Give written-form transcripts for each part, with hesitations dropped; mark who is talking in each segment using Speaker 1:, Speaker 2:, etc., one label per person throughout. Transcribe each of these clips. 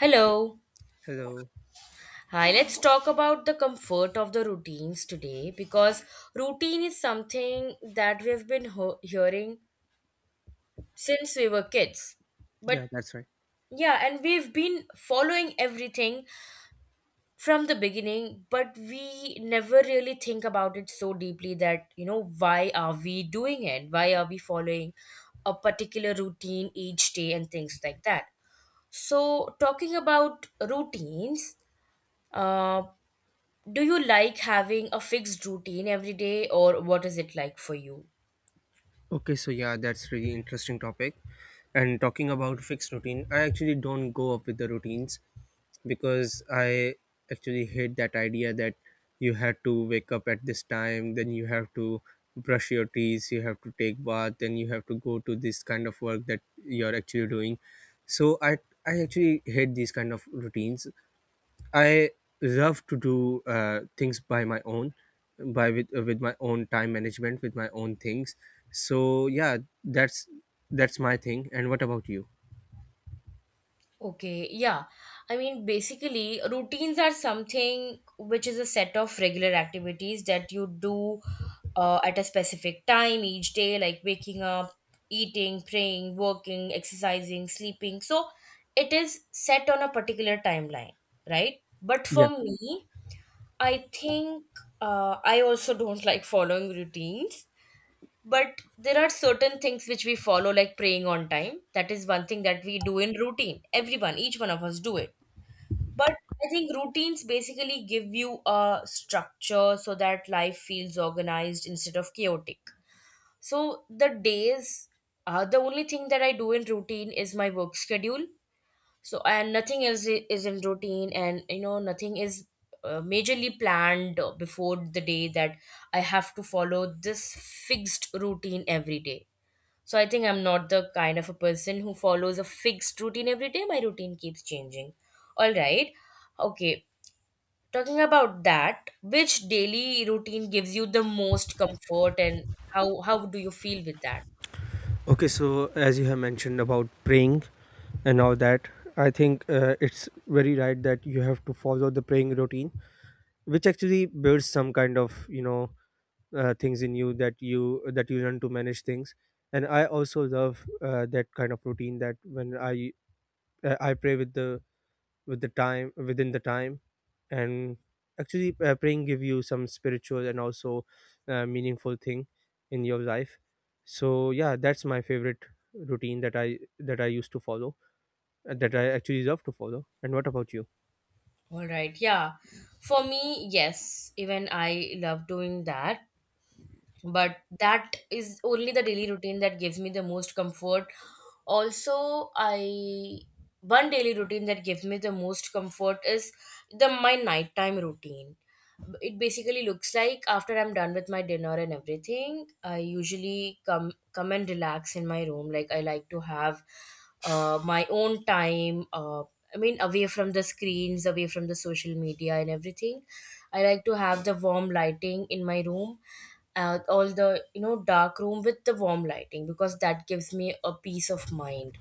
Speaker 1: Hello.
Speaker 2: Hello.
Speaker 1: Hi, let's talk about the comfort of the routines today because routine is something that we've been hearing since we were kids. But
Speaker 2: Yeah, that's right.
Speaker 1: yeah, and we've been following everything from the beginning, but we never really think about it so deeply that, why are we doing it? Why are we following a particular routine each day and things like that? So, talking about routines, uh, do you like having a fixed routine every day, or what is it like for you?
Speaker 2: Okay, so yeah, that's really interesting topic. And talking about fixed routine, I actually don't go up with the routines because I actually hate that idea that you have to wake up at this time, then you have to brush your teeth, you have to take bath, then you have to go to this kind of work that you're actually doing. So I actually hate these kind of routines. I love to do things by my own, by with my own time management, with my own things. So yeah, that's that's my thing. And what about you?
Speaker 1: Okay, yeah. I mean, basically, routines are something which is a set of regular activities that you do at a specific time each day, like waking up, eating, praying, working, exercising, sleeping. So it is set on a particular timeline, right? But
Speaker 2: Yeah.
Speaker 1: for me, I think I also don't like following routines. But there are certain things which we follow, like praying on time. That is one thing that we do in routine. Everyone, each one of us do it. But I think routines basically give you a structure so that life feels organized instead of chaotic. So the days, the only thing that I do in routine is my work schedule. So and nothing else is in routine, and nothing is majorly planned before the day that I have to follow this fixed routine every day. So I think I'm not the kind of a person who follows a fixed routine every day. My routine keeps changing. All right. Okay. Talking about that, which daily routine gives you the most comfort and how do you feel with that?
Speaker 2: Okay. So as you have mentioned about praying and all that, I think it's very right that you have to follow the praying routine, which actually builds some kind of things in you that you learn to manage things. And I also love that kind of routine that when I pray with the time within the time. And actually praying give you some spiritual and also meaningful thing in your life. So yeah, that's my favorite routine that I used to follow, that I actually love to follow. And what about you?
Speaker 1: All right. Yeah. For me, yes, even I love doing that. But that is only the daily routine that gives me the most comfort. Also, I one daily routine that gives me the most comfort is the my nighttime routine. It basically looks like after I'm done with my dinner and everything, I usually come and relax in my room. Like, I like to have my own time, I mean away from the screens, away from the social media and everything. I like to have the warm lighting in my room, all the dark room with the warm lighting because that gives me a peace of mind.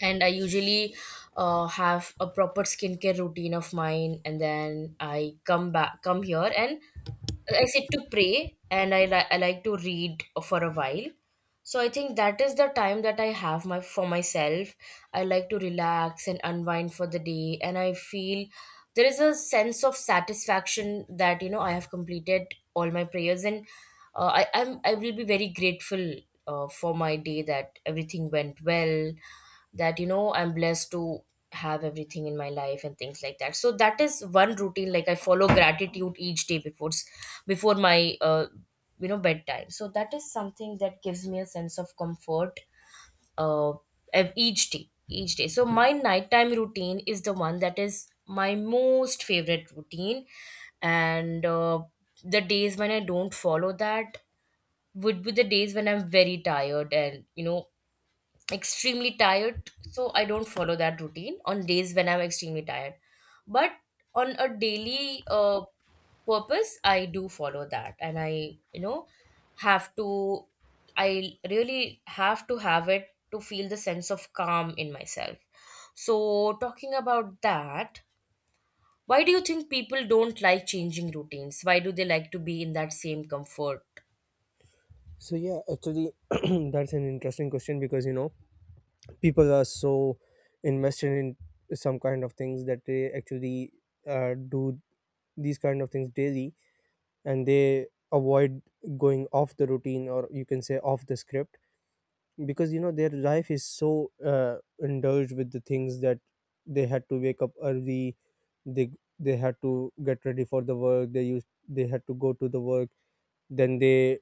Speaker 1: And I usually have a proper skincare routine of mine, and then I come back, come here, and I sit to pray, and I like to read for a while. So I think that is the time that I have my for myself. I like to relax and unwind for the day, and I feel there is a sense of satisfaction that I have completed all my prayers, and I will be very grateful for my day that everything went well, that I'm blessed to have everything in my life and things like that. So that is one routine, like I follow gratitude each day before before my bedtime. So that is something that gives me a sense of comfort, uh, each day. So my nighttime routine is the one that is my most favorite routine. And the days when I don't follow that would be the days when I'm very tired, and extremely tired. So I don't follow that routine on days when I'm extremely tired. But on a daily purpose, I do follow that. And I you know have to, I really have to have it to feel the sense of calm in myself. So, talking about that, why do you think people don't like changing routines? Why do they like to be in that same comfort?
Speaker 2: So yeah, actually that's an interesting question because you know people are so invested in some kind of things that they actually do these kind of things daily, and they avoid going off the routine, or you can say off the script, because you know their life is so indulged with the things that they had to wake up early. They they had to get ready for the work, they had to go to the work, then they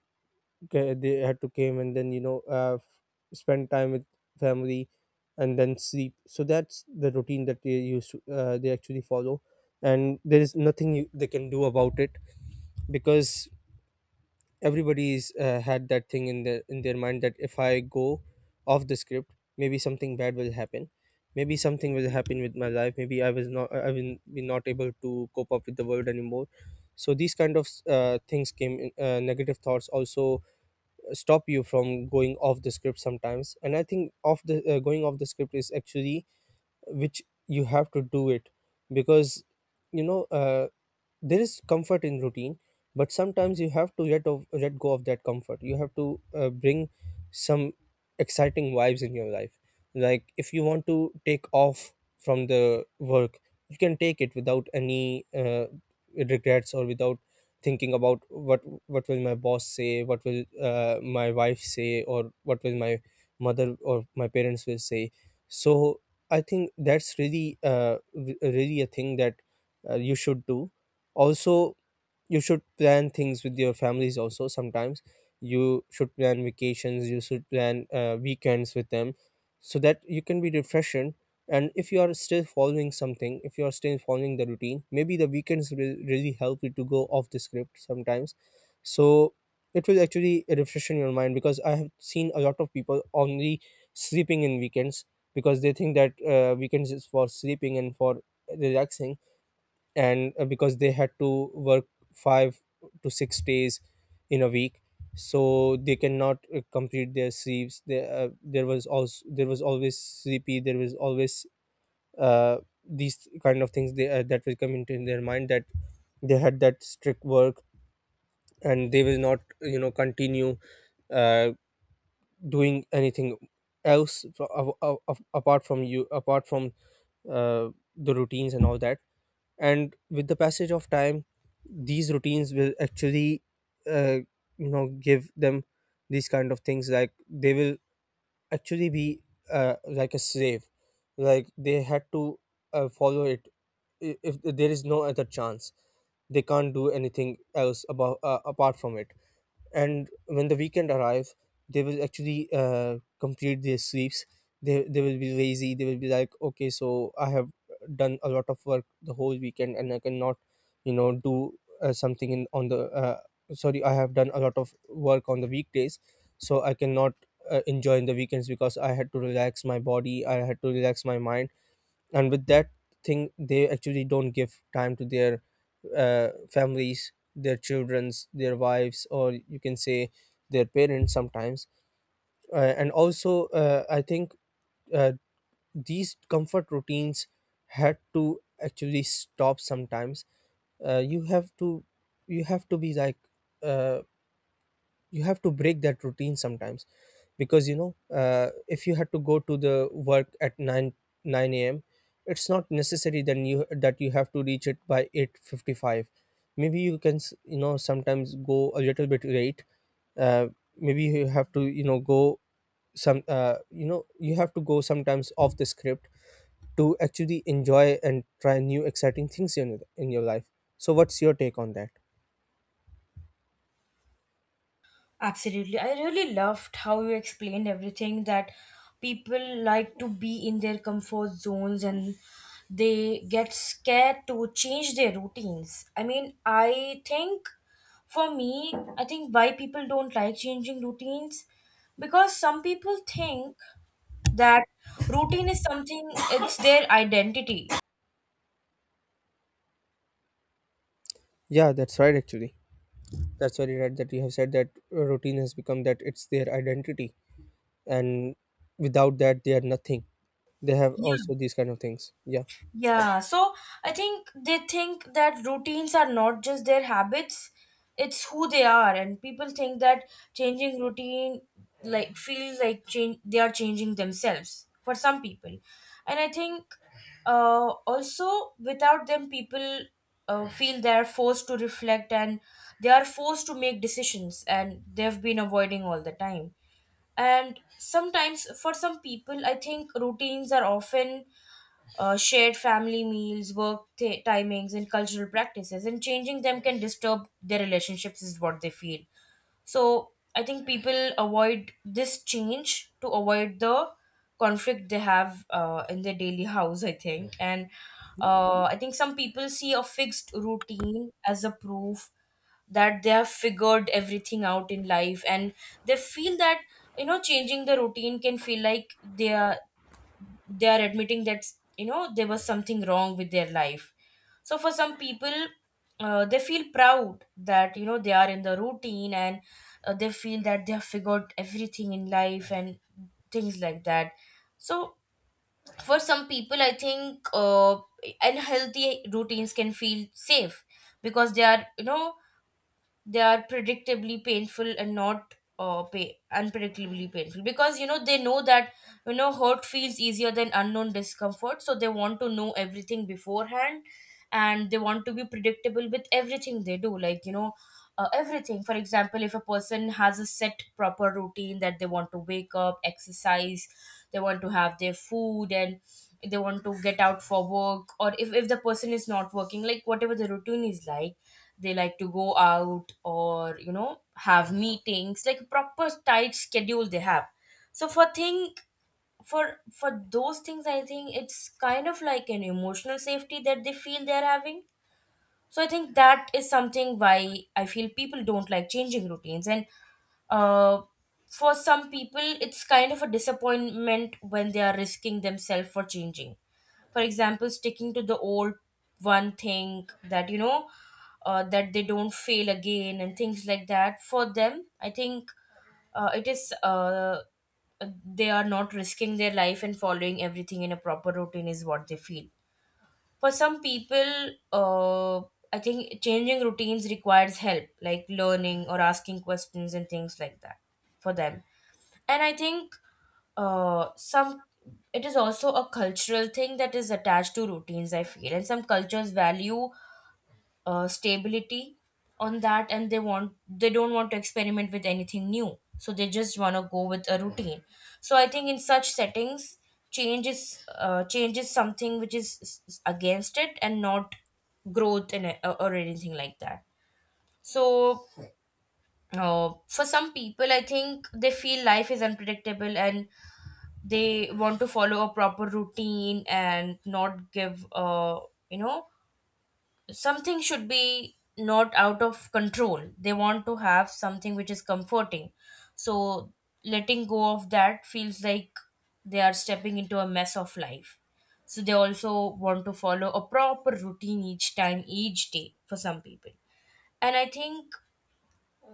Speaker 2: they had to came, and then you know spend time with family, and then sleep. So that's the routine that they actually follow, and there is nothing they can do about it, because everybody's had that thing in their mind that if I go off the script, maybe something bad will happen. Maybe something will happen with my life. Maybe I will be not able to cope up with the world anymore. So these kind of things came in. Negative thoughts also stop you from going off the script sometimes. And I think off the going off the script is actually which you have to do it, because you know there is comfort in routine, but sometimes you have to let go of that comfort. You have to bring some exciting vibes in your life. Like if you want to take off from the work, you can take it without any regrets, or without thinking about what will my boss say, what will my wife say, or what will my mother or my parents will say. So I think that's really really a thing that you should do. Also, you should plan things with your families also sometimes. You should plan vacations, you should plan weekends with them, so that you can be refreshed. And if you are still following something, if you are still following the routine, maybe the weekends will really help you to go off the script sometimes. So it will actually refreshen your mind, because I have seen a lot of people only sleeping in weekends, because they think that weekends is for sleeping and for relaxing. And because they had to work 5 to 6 days in a week, so they cannot complete their sleeps. There was always sleepy, there was always uh, these kind of things that will come into in their mind, that they had that strict work, and they will not you know continue uh, doing anything else apart from uh, the routines and all that. And with the passage of time, these routines will actually uh, give them these kind of things, like they will actually be like a slave, like they had to follow it. If there is no other chance, they can't do anything else about apart from it. And when the weekend arrives, they will actually complete their sweeps. They will be lazy. They will be like, okay, so I have done a lot of work the whole weekend, and I cannot you know do something in on the sorry, I have done a lot of work on the weekdays, so I cannot enjoy in the weekends, because I had to relax my body, I had to relax my mind. And with that thing, they actually don't give time to their families, their childrens, their wives, or you can say their parents sometimes. And also I think uh, these comfort routines had to actually stop sometimes. uh, you have to you have to be like, uh, you have to break that routine sometimes. Because you know if you had to go to the work at 9 a.m, it's not necessary then you that you have to reach it by 8:55. Maybe you can you know sometimes go a little bit late. uh, Maybe you have to you know go some you know, you have to go sometimes off the script to actually enjoy and try new exciting things in your life. So what's your take on that?
Speaker 1: Absolutely. I really loved how you explained everything, that people like to be in their comfort zones and they get scared to change their routines. I mean, I think for me, I think why people don't like changing routines, because some people think that routine is something, it's their identity.
Speaker 2: Yeah, that's right, actually. That's very right that you have said, that routine has become that it's their identity, and without that they are nothing. They have
Speaker 1: Yeah.
Speaker 2: also these kind of things, yeah.
Speaker 1: Yeah, so I think they think that routines are not just their habits, it's who they are. And people think that changing routine like feels like change, they are changing themselves for some people. And I think also without them people feel they are forced to reflect, and they are forced to make decisions, and they've been avoiding all the time. And sometimes for some people I think routines are often shared family meals, work timings, and cultural practices, and changing them can disturb their relationships, is what they feel. So I think people avoid this change to avoid the conflict they have in their daily house, I think. And I think some people see a fixed routine as a proof that they have figured everything out in life, and they feel that changing the routine can feel like they are admitting that there was something wrong with their life. So for some people, they feel proud that they are in the routine, and they feel that they have figured everything in life and things like that. So for some people I think, unhealthy routines can feel safe because they are, they are predictably painful and not unpredictably painful, because they know that, hurt feels easier than unknown discomfort. So they want to know everything beforehand, and they want to be predictable with everything they do, like, everything. For example, if a person has a set proper routine that they want to wake up, exercise, they want to have their food, and they want to get out for work, or if the person is not working, like whatever the routine is, like they like to go out or have meetings, like proper tight schedule they have. So for those things, I think it's kind of like an emotional safety that they feel they're having. So I think that is something why I feel people don't like changing routines. And uh for some people it's kind of a disappointment when they are risking themselves for changing. For example, sticking to the old one thing, that that they don't fail again and things like that. For them I think, it is they are not risking their life and following everything in a proper routine is what they feel. For some people, uh, I think changing routines requires help, like learning or asking questions and things like that, for them. And I think some it is also a cultural thing that is attached to routines, I feel, and some cultures value stability on that, and they want, they don't want to experiment with anything new, so they just want to go with a routine. So I think in such settings, change is something which is against it, and not growth and or anything like that. So for some people I think they feel life is unpredictable, and they want to follow a proper routine and not give you know something, should be not out of control, they want to have something which is comforting. So letting go of that feels like they are stepping into a mess of life. So they also want to follow a proper routine each time, each day, for some people. And I think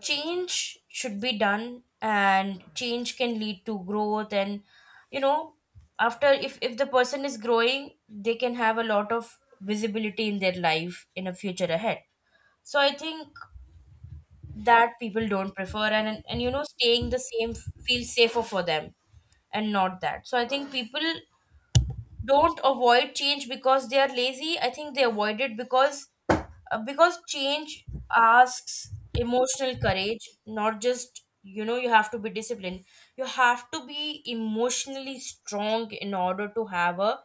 Speaker 1: change should be done, and change can lead to growth, and you know after, if the person is growing, they can have a lot of visibility in their life in a future ahead. So I think that people don't prefer, and staying the same feels safer for them and not that. So I think people don't avoid change because they are lazy, I think they avoid it because, because change asks emotional courage, not just, you have to be disciplined, you have to be emotionally strong in order to have a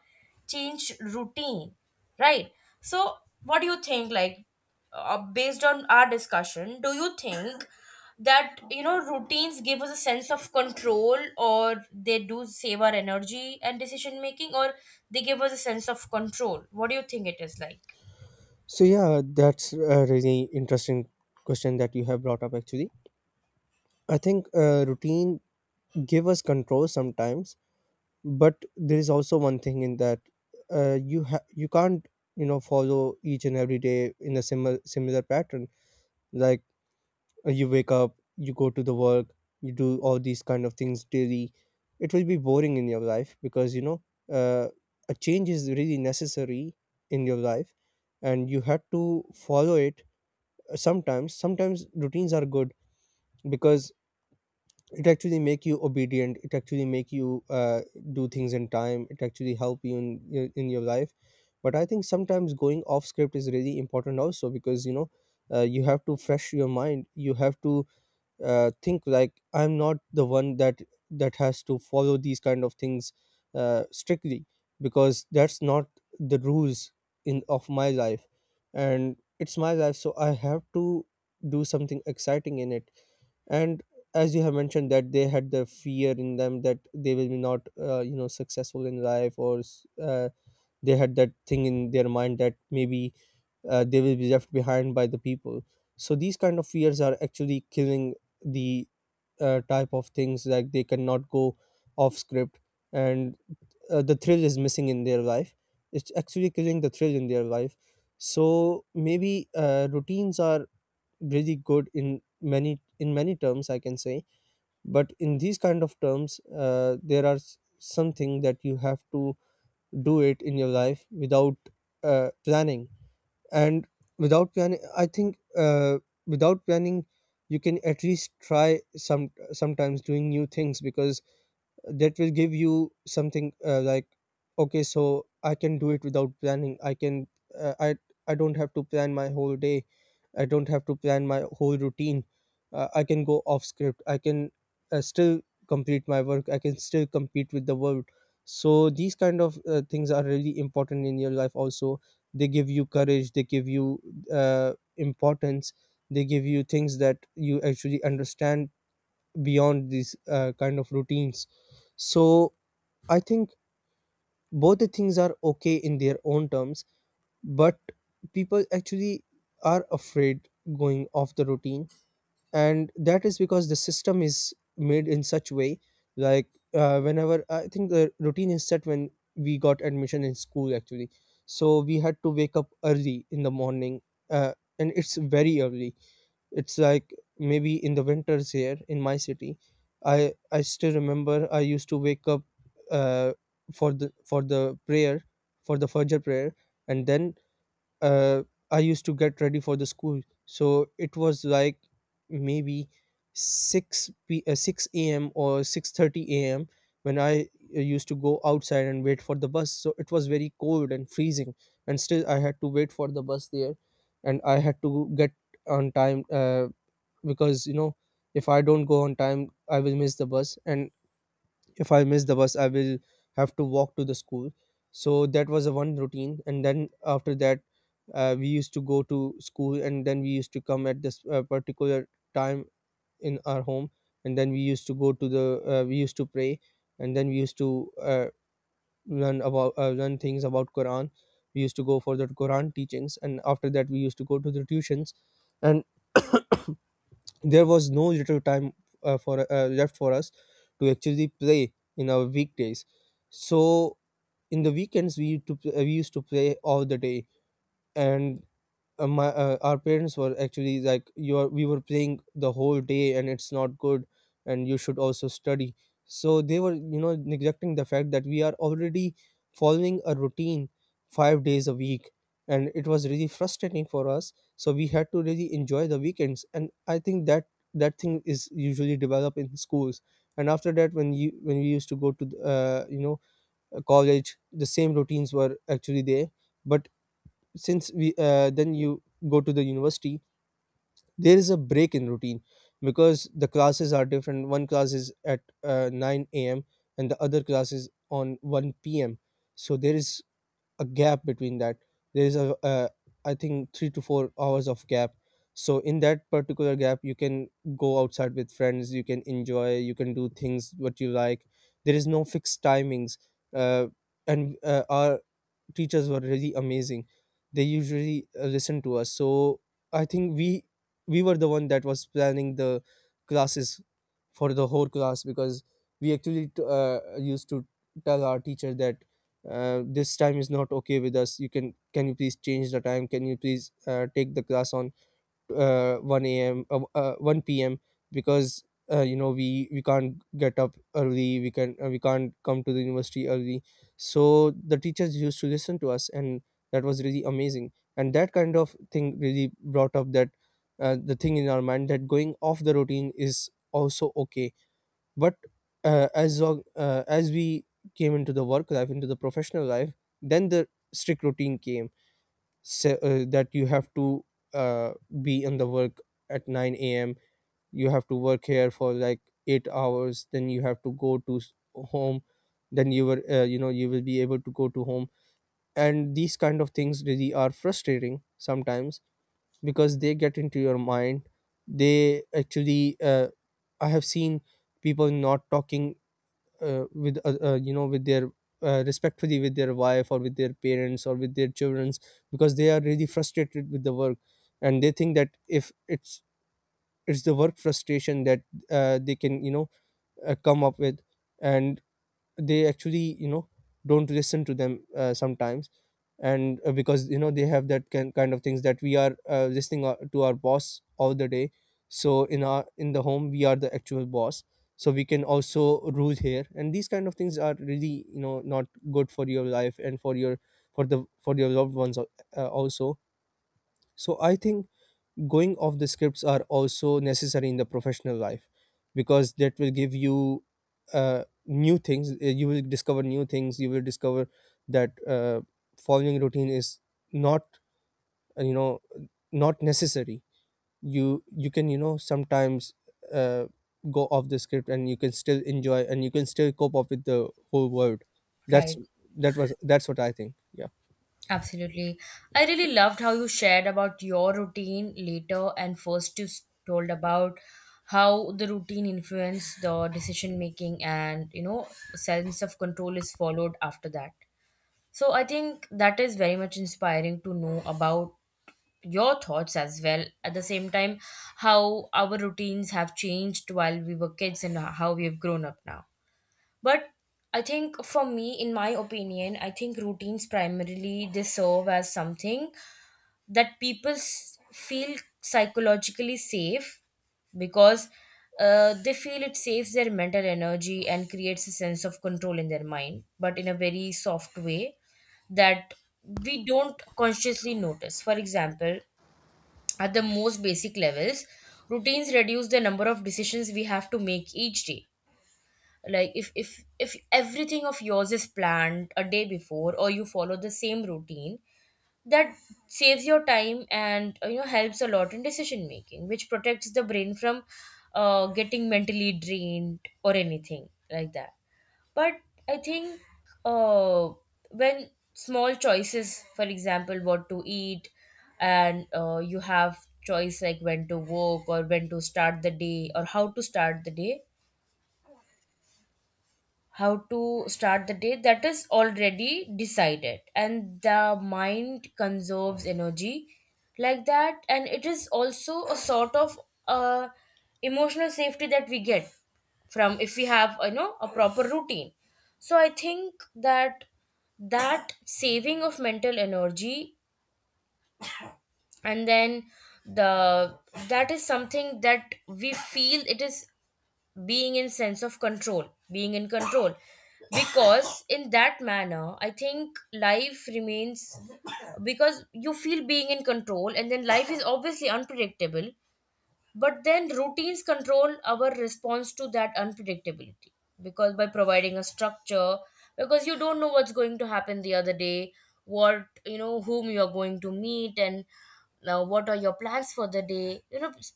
Speaker 1: change routine, right? So what do you think, like, based on our discussion, do you think that routines give us a sense of control, or they do save our energy and decision making, or they give us a sense of control? What do you think it is like?
Speaker 2: So yeah, that's a really interesting question that you have brought up, actually. I think routine give us control sometimes, but there is also one thing in that, you you can't you know follow each and every day in a similar pattern. Like you wake up, you go to the work, you do all these kind of things daily. It will be boring in your life, because you know uh, a change is really necessary in your life, and you have to follow it. Sometimes routines are good, because it actually make you obedient, it actually make you uh, do things in time, it actually help you in your life. But I think sometimes going off script is really important also, because you know you have to fresh your mind. You have to think, like, I'm not the one that has to follow these kind of things strictly, because that's not the rules in of my life. And it's my life, so I have to do something exciting in it. And as you have mentioned that they had the fear in them that they will be not you know successful in life, or they had that thing in their mind that maybe they will be left behind by the people. So these kind of fears are actually killing the type of things, like they cannot go off script. And the thrill is missing in their life. It's actually killing the thrill in their life. So maybe routines are really good in many terms, I can say. But in these kind of terms, there are something that you have to do it in your life without planning. And without planning, I think, without planning you can at least try some sometimes doing new things, because that will give you something, like, okay, so I can do it without planning. I can uh, i I don't have to plan my whole day. I don't have to plan my whole routine. I can go off script. I can still complete my work. I can still compete with the world. So these kind of things are really important in your life also. They give you courage, they give you importance, they give you things that you actually understand beyond these kind of routines. So I think both the things are okay in their own terms, but people actually are afraid going off the routine. And that is because the system is made in such way. Like whenever, I think the routine is set when we got admission in school, actually. So we had to wake up early in the morning, uh, and it's very early. It's like maybe in the winters here in my city, I still remember I used to wake up uh, for the for the prayer for the Fajr prayer, and then uh, I used to get ready for the school. So it was like maybe six a.m. or 6:30 a.m. When I used to go outside and wait for the bus. So it was very cold and freezing, and still I had to wait for the bus there, and I had to get on time. Because you know if I don't go on time I will miss the bus, and if I miss the bus I will have to walk to the school. So that was a one routine, and then after that we used to go to school, and then we used to come at this particular time in our home. And then we used to go to the we used to pray, and then we used to learn about learn things about quran. We used to go for the quran teachings, and after that we used to go to the tuitions. And there was no little time for left for us to actually play in our weekdays. So in the weekends we used to we used to play all the day. And my our parents were actually like, you're we were playing the whole day and it's not good, and you should also study. So they were, you know, neglecting the fact that we are already following a routine 5 days a week, and it was really frustrating for us. So we had to really enjoy the weekends, and I think that that thing is usually developed in schools. And after that, when you when we used to go to the, college, the same routines were actually there. But since we then you go to the university, there is a break in routine, because the classes are different. One class is at 9 a.m. and the other class is on 1 p.m. So there is a gap between that. There is a, I think, 3 to 4 hours of gap. So in that particular gap you can go outside with friends, you can enjoy, you can do things what you like. There is no fixed timings. Uh, and Our teachers were really amazing. They usually listen to us. So I think we were the one that was planning the classes for the whole class, because we actually used to tell our teacher that this time is not okay with us. You can you please change the time, can you please take the class on 1 a.m. 1 p.m. Because you know we can't get up early. We can we can't come to the university early. So the teachers used to listen to us, and that was really amazing. And that kind of thing really brought up that the thing in our mind that going off the routine is also okay. But as long as we came into the work life, into the professional life, then the strict routine came that you have to uh, be in the work at 9 a.m. You have to work here for like 8 hours, then you have to home. Then you were, you know, you will be able to go to home. And these kind of things really are frustrating sometimes because they get into your mind. They actually I have seen people not talking with you know, with their respectfully with their wife or with their parents or with their childrens, because they are really frustrated with the work. And they think that if it's it's the work frustration that they can, you know, come up with. And they actually, you know, don't listen to them sometimes. And because you know they have that kind of things that we are listening to our boss all the day, so in our in the home we are the actual boss. So we can also rule here, and these kind of things are really, you know, not good for your life and for your for the for your loved ones also. So I think going off the scripts are also necessary in the professional life, because that will give you new things. You will discover new things, you will discover that following routine is not, you know, not necessary. You can, you know, sometimes uh, go off the script, and you can still enjoy, and you can still cope up with the whole world. that's
Speaker 1: Right,
Speaker 2: that was that's what I think. Yeah.
Speaker 1: absolutely. I really loved how you shared about your routine later, and first you told about how the routine influenced the decision making, and, you know, sense of control is followed after that. So I think that is very much inspiring to know about your thoughts as well at the same time how our routines have changed while we were kids and how we have grown up now, but I think for me, in my opinion, I think routines primarily, they serve as something that people feel psychologically safe because they feel it saves their mental energy and creates a sense of control in their mind, but in a very soft way that we don't consciously notice. For example, at the most basic levels, routines reduce the number of decisions we have to make each day. Like if everything of yours is planned a day before or you follow the same routine, that saves your time and you know, helps a lot in decision making, which protects the brain from getting mentally drained or anything like that. But I think, uh, when small choices, for example, what to eat, and you have choice like when to work or when to start the day or how to start the day how to start the day, that is already decided and the mind conserves energy like that. And it is also a sort of uh, emotional safety that we get from, if we have, you know, a proper routine. So I think that, that saving of mental energy, and then the that is something that we feel, it is being in sense of control, being in control, because in that manner I think life remains, because you feel being in control. And then life is obviously unpredictable, but then routines control our response to that unpredictability, because by providing a structure, because you don't know what's going to happen the other day, what, you know, whom you are going to meet, and now what are your plans for the day. You know, s-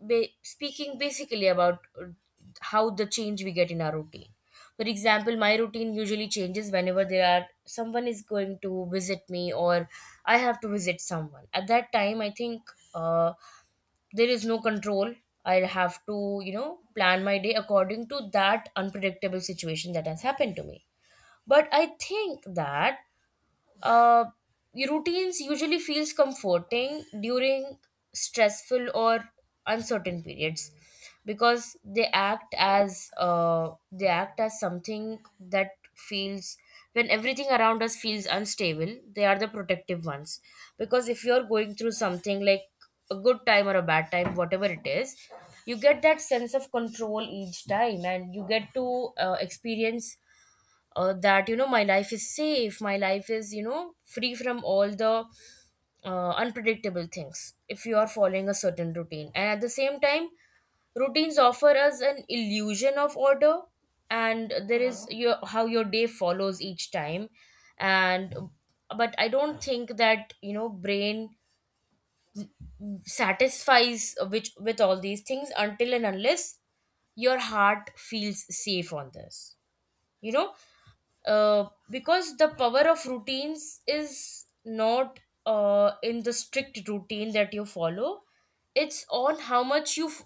Speaker 1: ba- Speaking basically about how the change we get in our routine. For example, my routine usually changes whenever there are someone is going to visit me or I have to visit someone. At that time, I think. Uh, there is no control, I'll have to, you know, plan my day according to that unpredictable situation that has happened to me. But I think that, uh, routines usually feels comforting during stressful or uncertain periods, because they act as something that feels, when everything around us feels unstable, they are the protective ones. Because if you're going through something like a good time or a bad time, whatever it is, you get that sense of control each time and you get to experience that, you know, my life is safe, my life is, you know, free from all the unpredictable things if you are following a certain routine. And at the same time, routines offer us an illusion of order, and there is your, how your day follows each time. And but I don't think that, you know, brain satisfies which with all these things until and unless your heart feels safe on this, you know. Because the power of routines is not in the strict routine that you follow, it's on how much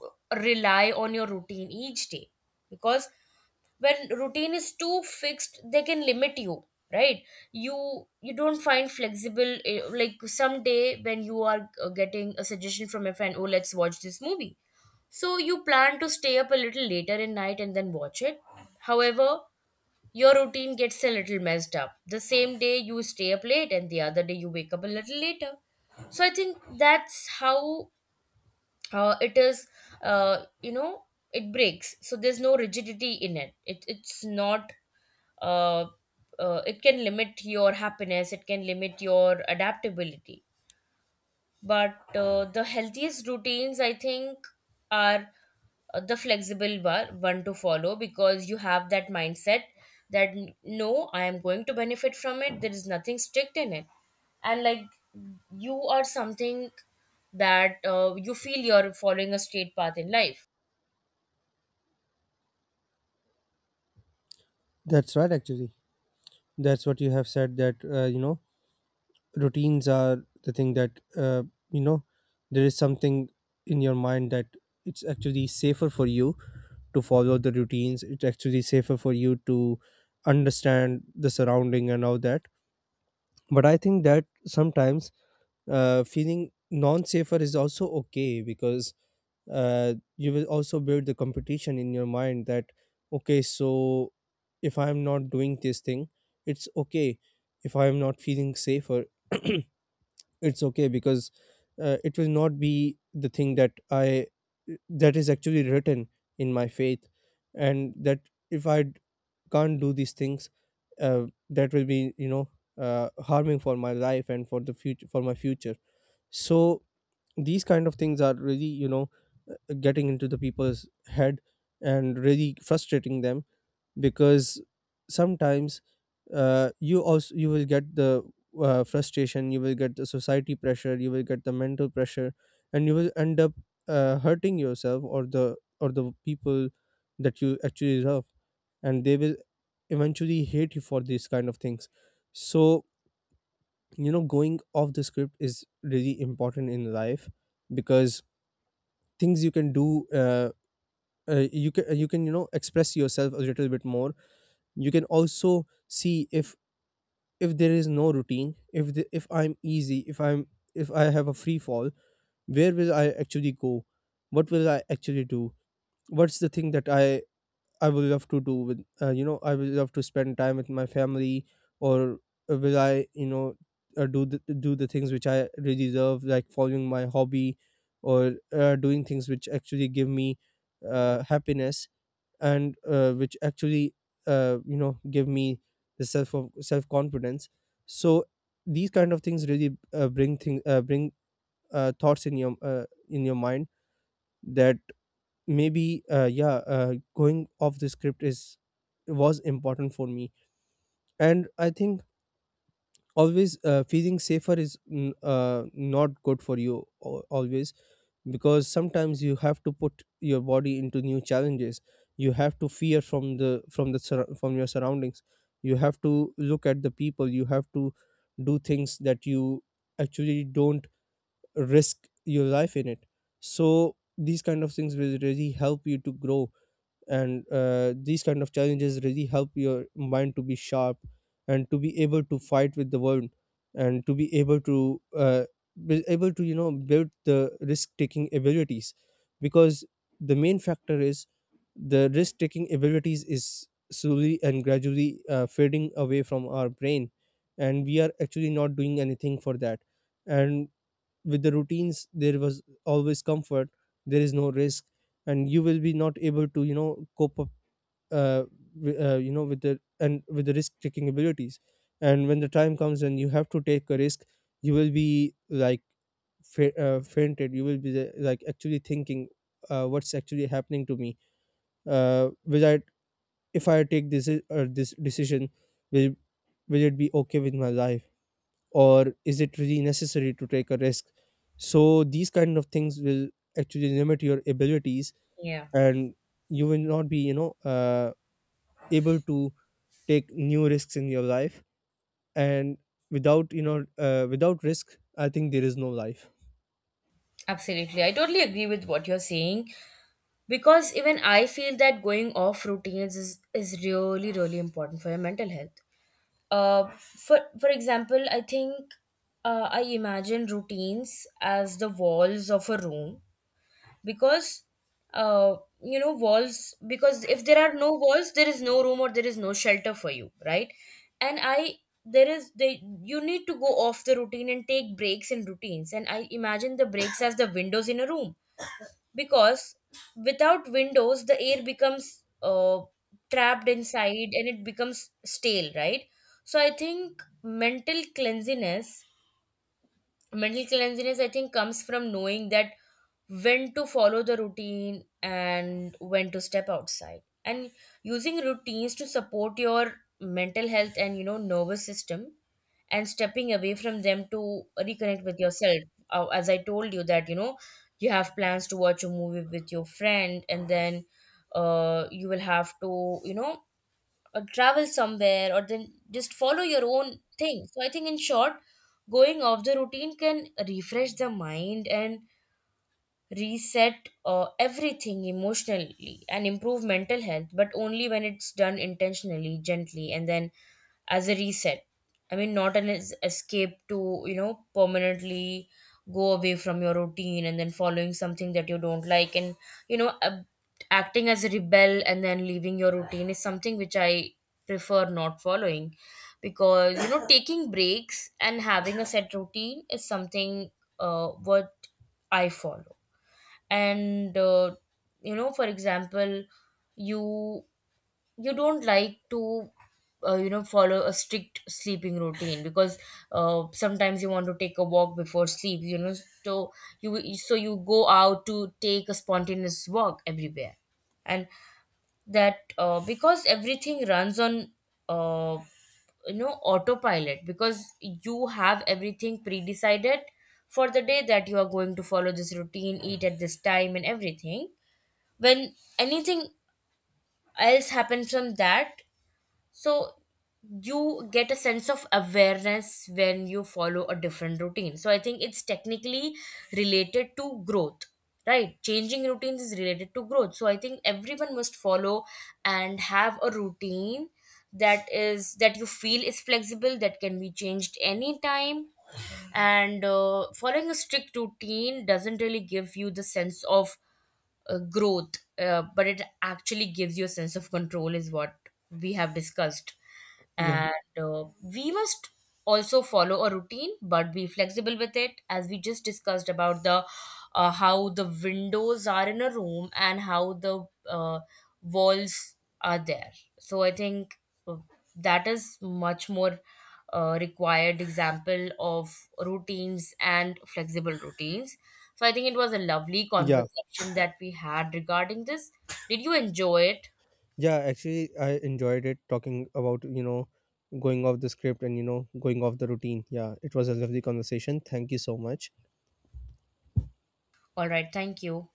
Speaker 1: rely on your routine each day. Because when routine is too fixed, they can limit you, right? You don't find flexible, like someday when you are getting a suggestion from a friend, oh let's watch this movie, so you plan to stay up a little later in night and then watch it. However, your routine gets a little messed up. The same day you stay up late, and the other day you wake up a little later. So I think that's how it is. Uh, you know, it breaks. So there's no rigidity in it. It's not. Uh, it can limit your happiness, it can limit your adaptability, but the healthiest routines, I think, are the flexible bar, one to follow, because you have that mindset that no, I am going to benefit from it, there is nothing strict in it. And like, you are something that you feel you're following a straight path in life.
Speaker 2: That's right, actually. That's what you have said, that, you know, routines are the thing that you know, there is something in your mind that it's actually safer for you to follow the routines. It's actually safer for you to understand the surrounding and all that. But I think that sometimes feeling non-safer is also okay, because you will also build the competition in your mind that, okay, so if I'm not doing this thing, it's okay. If I'm not feeling safer, it's okay, because it will not be the thing that I that is actually written in my faith. And that if can't do these things, that will be, you know, harming for my life and for the future for my future. So these kind of things are really, you know, getting into the people's head and really frustrating them, because sometimes you also you will get the frustration, you will get the society pressure, you will get the mental pressure, and you will end up hurting yourself or the people that you actually love, and they will eventually hate you for these kind of things. So, you know, going off the script is really important in life, because things you can do you can you can, you know, express yourself a little bit more. You can also see if there is no routine, if the, if I'm easy, if I'm if I have a free fall, where will I actually go, what will I actually do, what's the thing that I will love to do with, you know, I will love to spend time with my family, or will I, you know, do the things which I really love, like following my hobby, or doing things which actually give me happiness, and which actually you know, give me the self of self confidence. So these kind of things really bring thoughts in your mind that maybe going off the script is was important for me. And I think always feeling safer is not good for you always, because sometimes you have to put your body into new challenges. You have to fear from the from the from your surroundings. You have to look at the people, you have to do things that you actually don't risk your life in it. So these kind of things will really help you to grow, and these kind of challenges really help your mind to be sharp, and to be able to fight with the world, and to be able to be able to, you know, build the risk taking abilities. Because the main factor is the risk taking abilities is slowly and gradually fading away from our brain, and we are actually not doing anything for that. And with the routines there was always comfort. There is no risk, and you will be not able to, you know, cope up uh, you know, with the and with the risk taking abilities. And when the time comes and you have to take a risk, you will be like fainted. You will be the, like actually thinking, what's actually happening to me, will I, if I take this or this decision, will will it be okay with my life, or is it really necessary to take a risk? So these kind of things will actually limit your abilities.
Speaker 1: Yeah,
Speaker 2: And you will not be, you know, able to take new risks in your life. And without, you know, without risk I think there is no life.
Speaker 1: absolutely, I totally agree with what you're saying, because even I feel that going off routines is really, really important for your mental health. For example, I think I imagine routines as the walls of a room, because, uh, you know, walls, because if there are no walls, there is no room or there is no shelter for you, right? And I there is, they, you need to go off the routine and take breaks in routines, and I imagine the breaks as the windows in a room, because without windows the air becomes trapped inside and it becomes stale, right? So I think mental cleanliness, I think comes from knowing that, when to follow the routine and when to step outside, and using routines to support your mental health and, you know, nervous system, and stepping away from them to reconnect with yourself. As I told you that, you know, you have plans to watch a movie with your friend and then you will have to, you know, or travel somewhere or then just follow your own thing. So I think in short, going off the routine can refresh the mind and reset everything emotionally and improve mental health, but only when it's done intentionally, gently, and then as a reset. I mean, not an escape to, you know, permanently go away from your routine and then following something that you don't like, and, you know, acting as a rebel and then leaving your routine is something which I prefer not following. Because, you know, taking breaks and having a set routine is something, what I follow. And you know, for example, you you don't like to, you know, follow a strict sleeping routine because, sometimes you want to take a walk before sleep, you know. So you so you go out to take a spontaneous walk everywhere, and that because everything runs on uh, you know, autopilot, because you have everything pre-decided for the day, that you are going to follow this routine, eat at this time and everything. When anything else happens from that, so you get a sense of awareness when you follow a different routine. So I think it's technically related to growth, right? Changing routines is related to growth. So I think everyone must follow and have a routine that is, that you feel is flexible, that can be changed anytime. And following a strict routine doesn't really give you the sense of growth, but it actually gives you a sense of control, is what we have discussed.
Speaker 2: Yeah.
Speaker 1: And we must also follow a routine but be flexible with it, as we just discussed about the how the windows are in a room and how the walls are there. So I think uh, that is much more required example of routines and flexible routines. So I think it was a lovely
Speaker 2: Yeah.
Speaker 1: conversation that we had regarding this. Did you enjoy it?
Speaker 2: Yeah, actually I enjoyed it, talking about, you know, going off the script and, you know, going off the routine. Yeah, it was a lovely conversation, thank you so much.
Speaker 1: All right, thank you.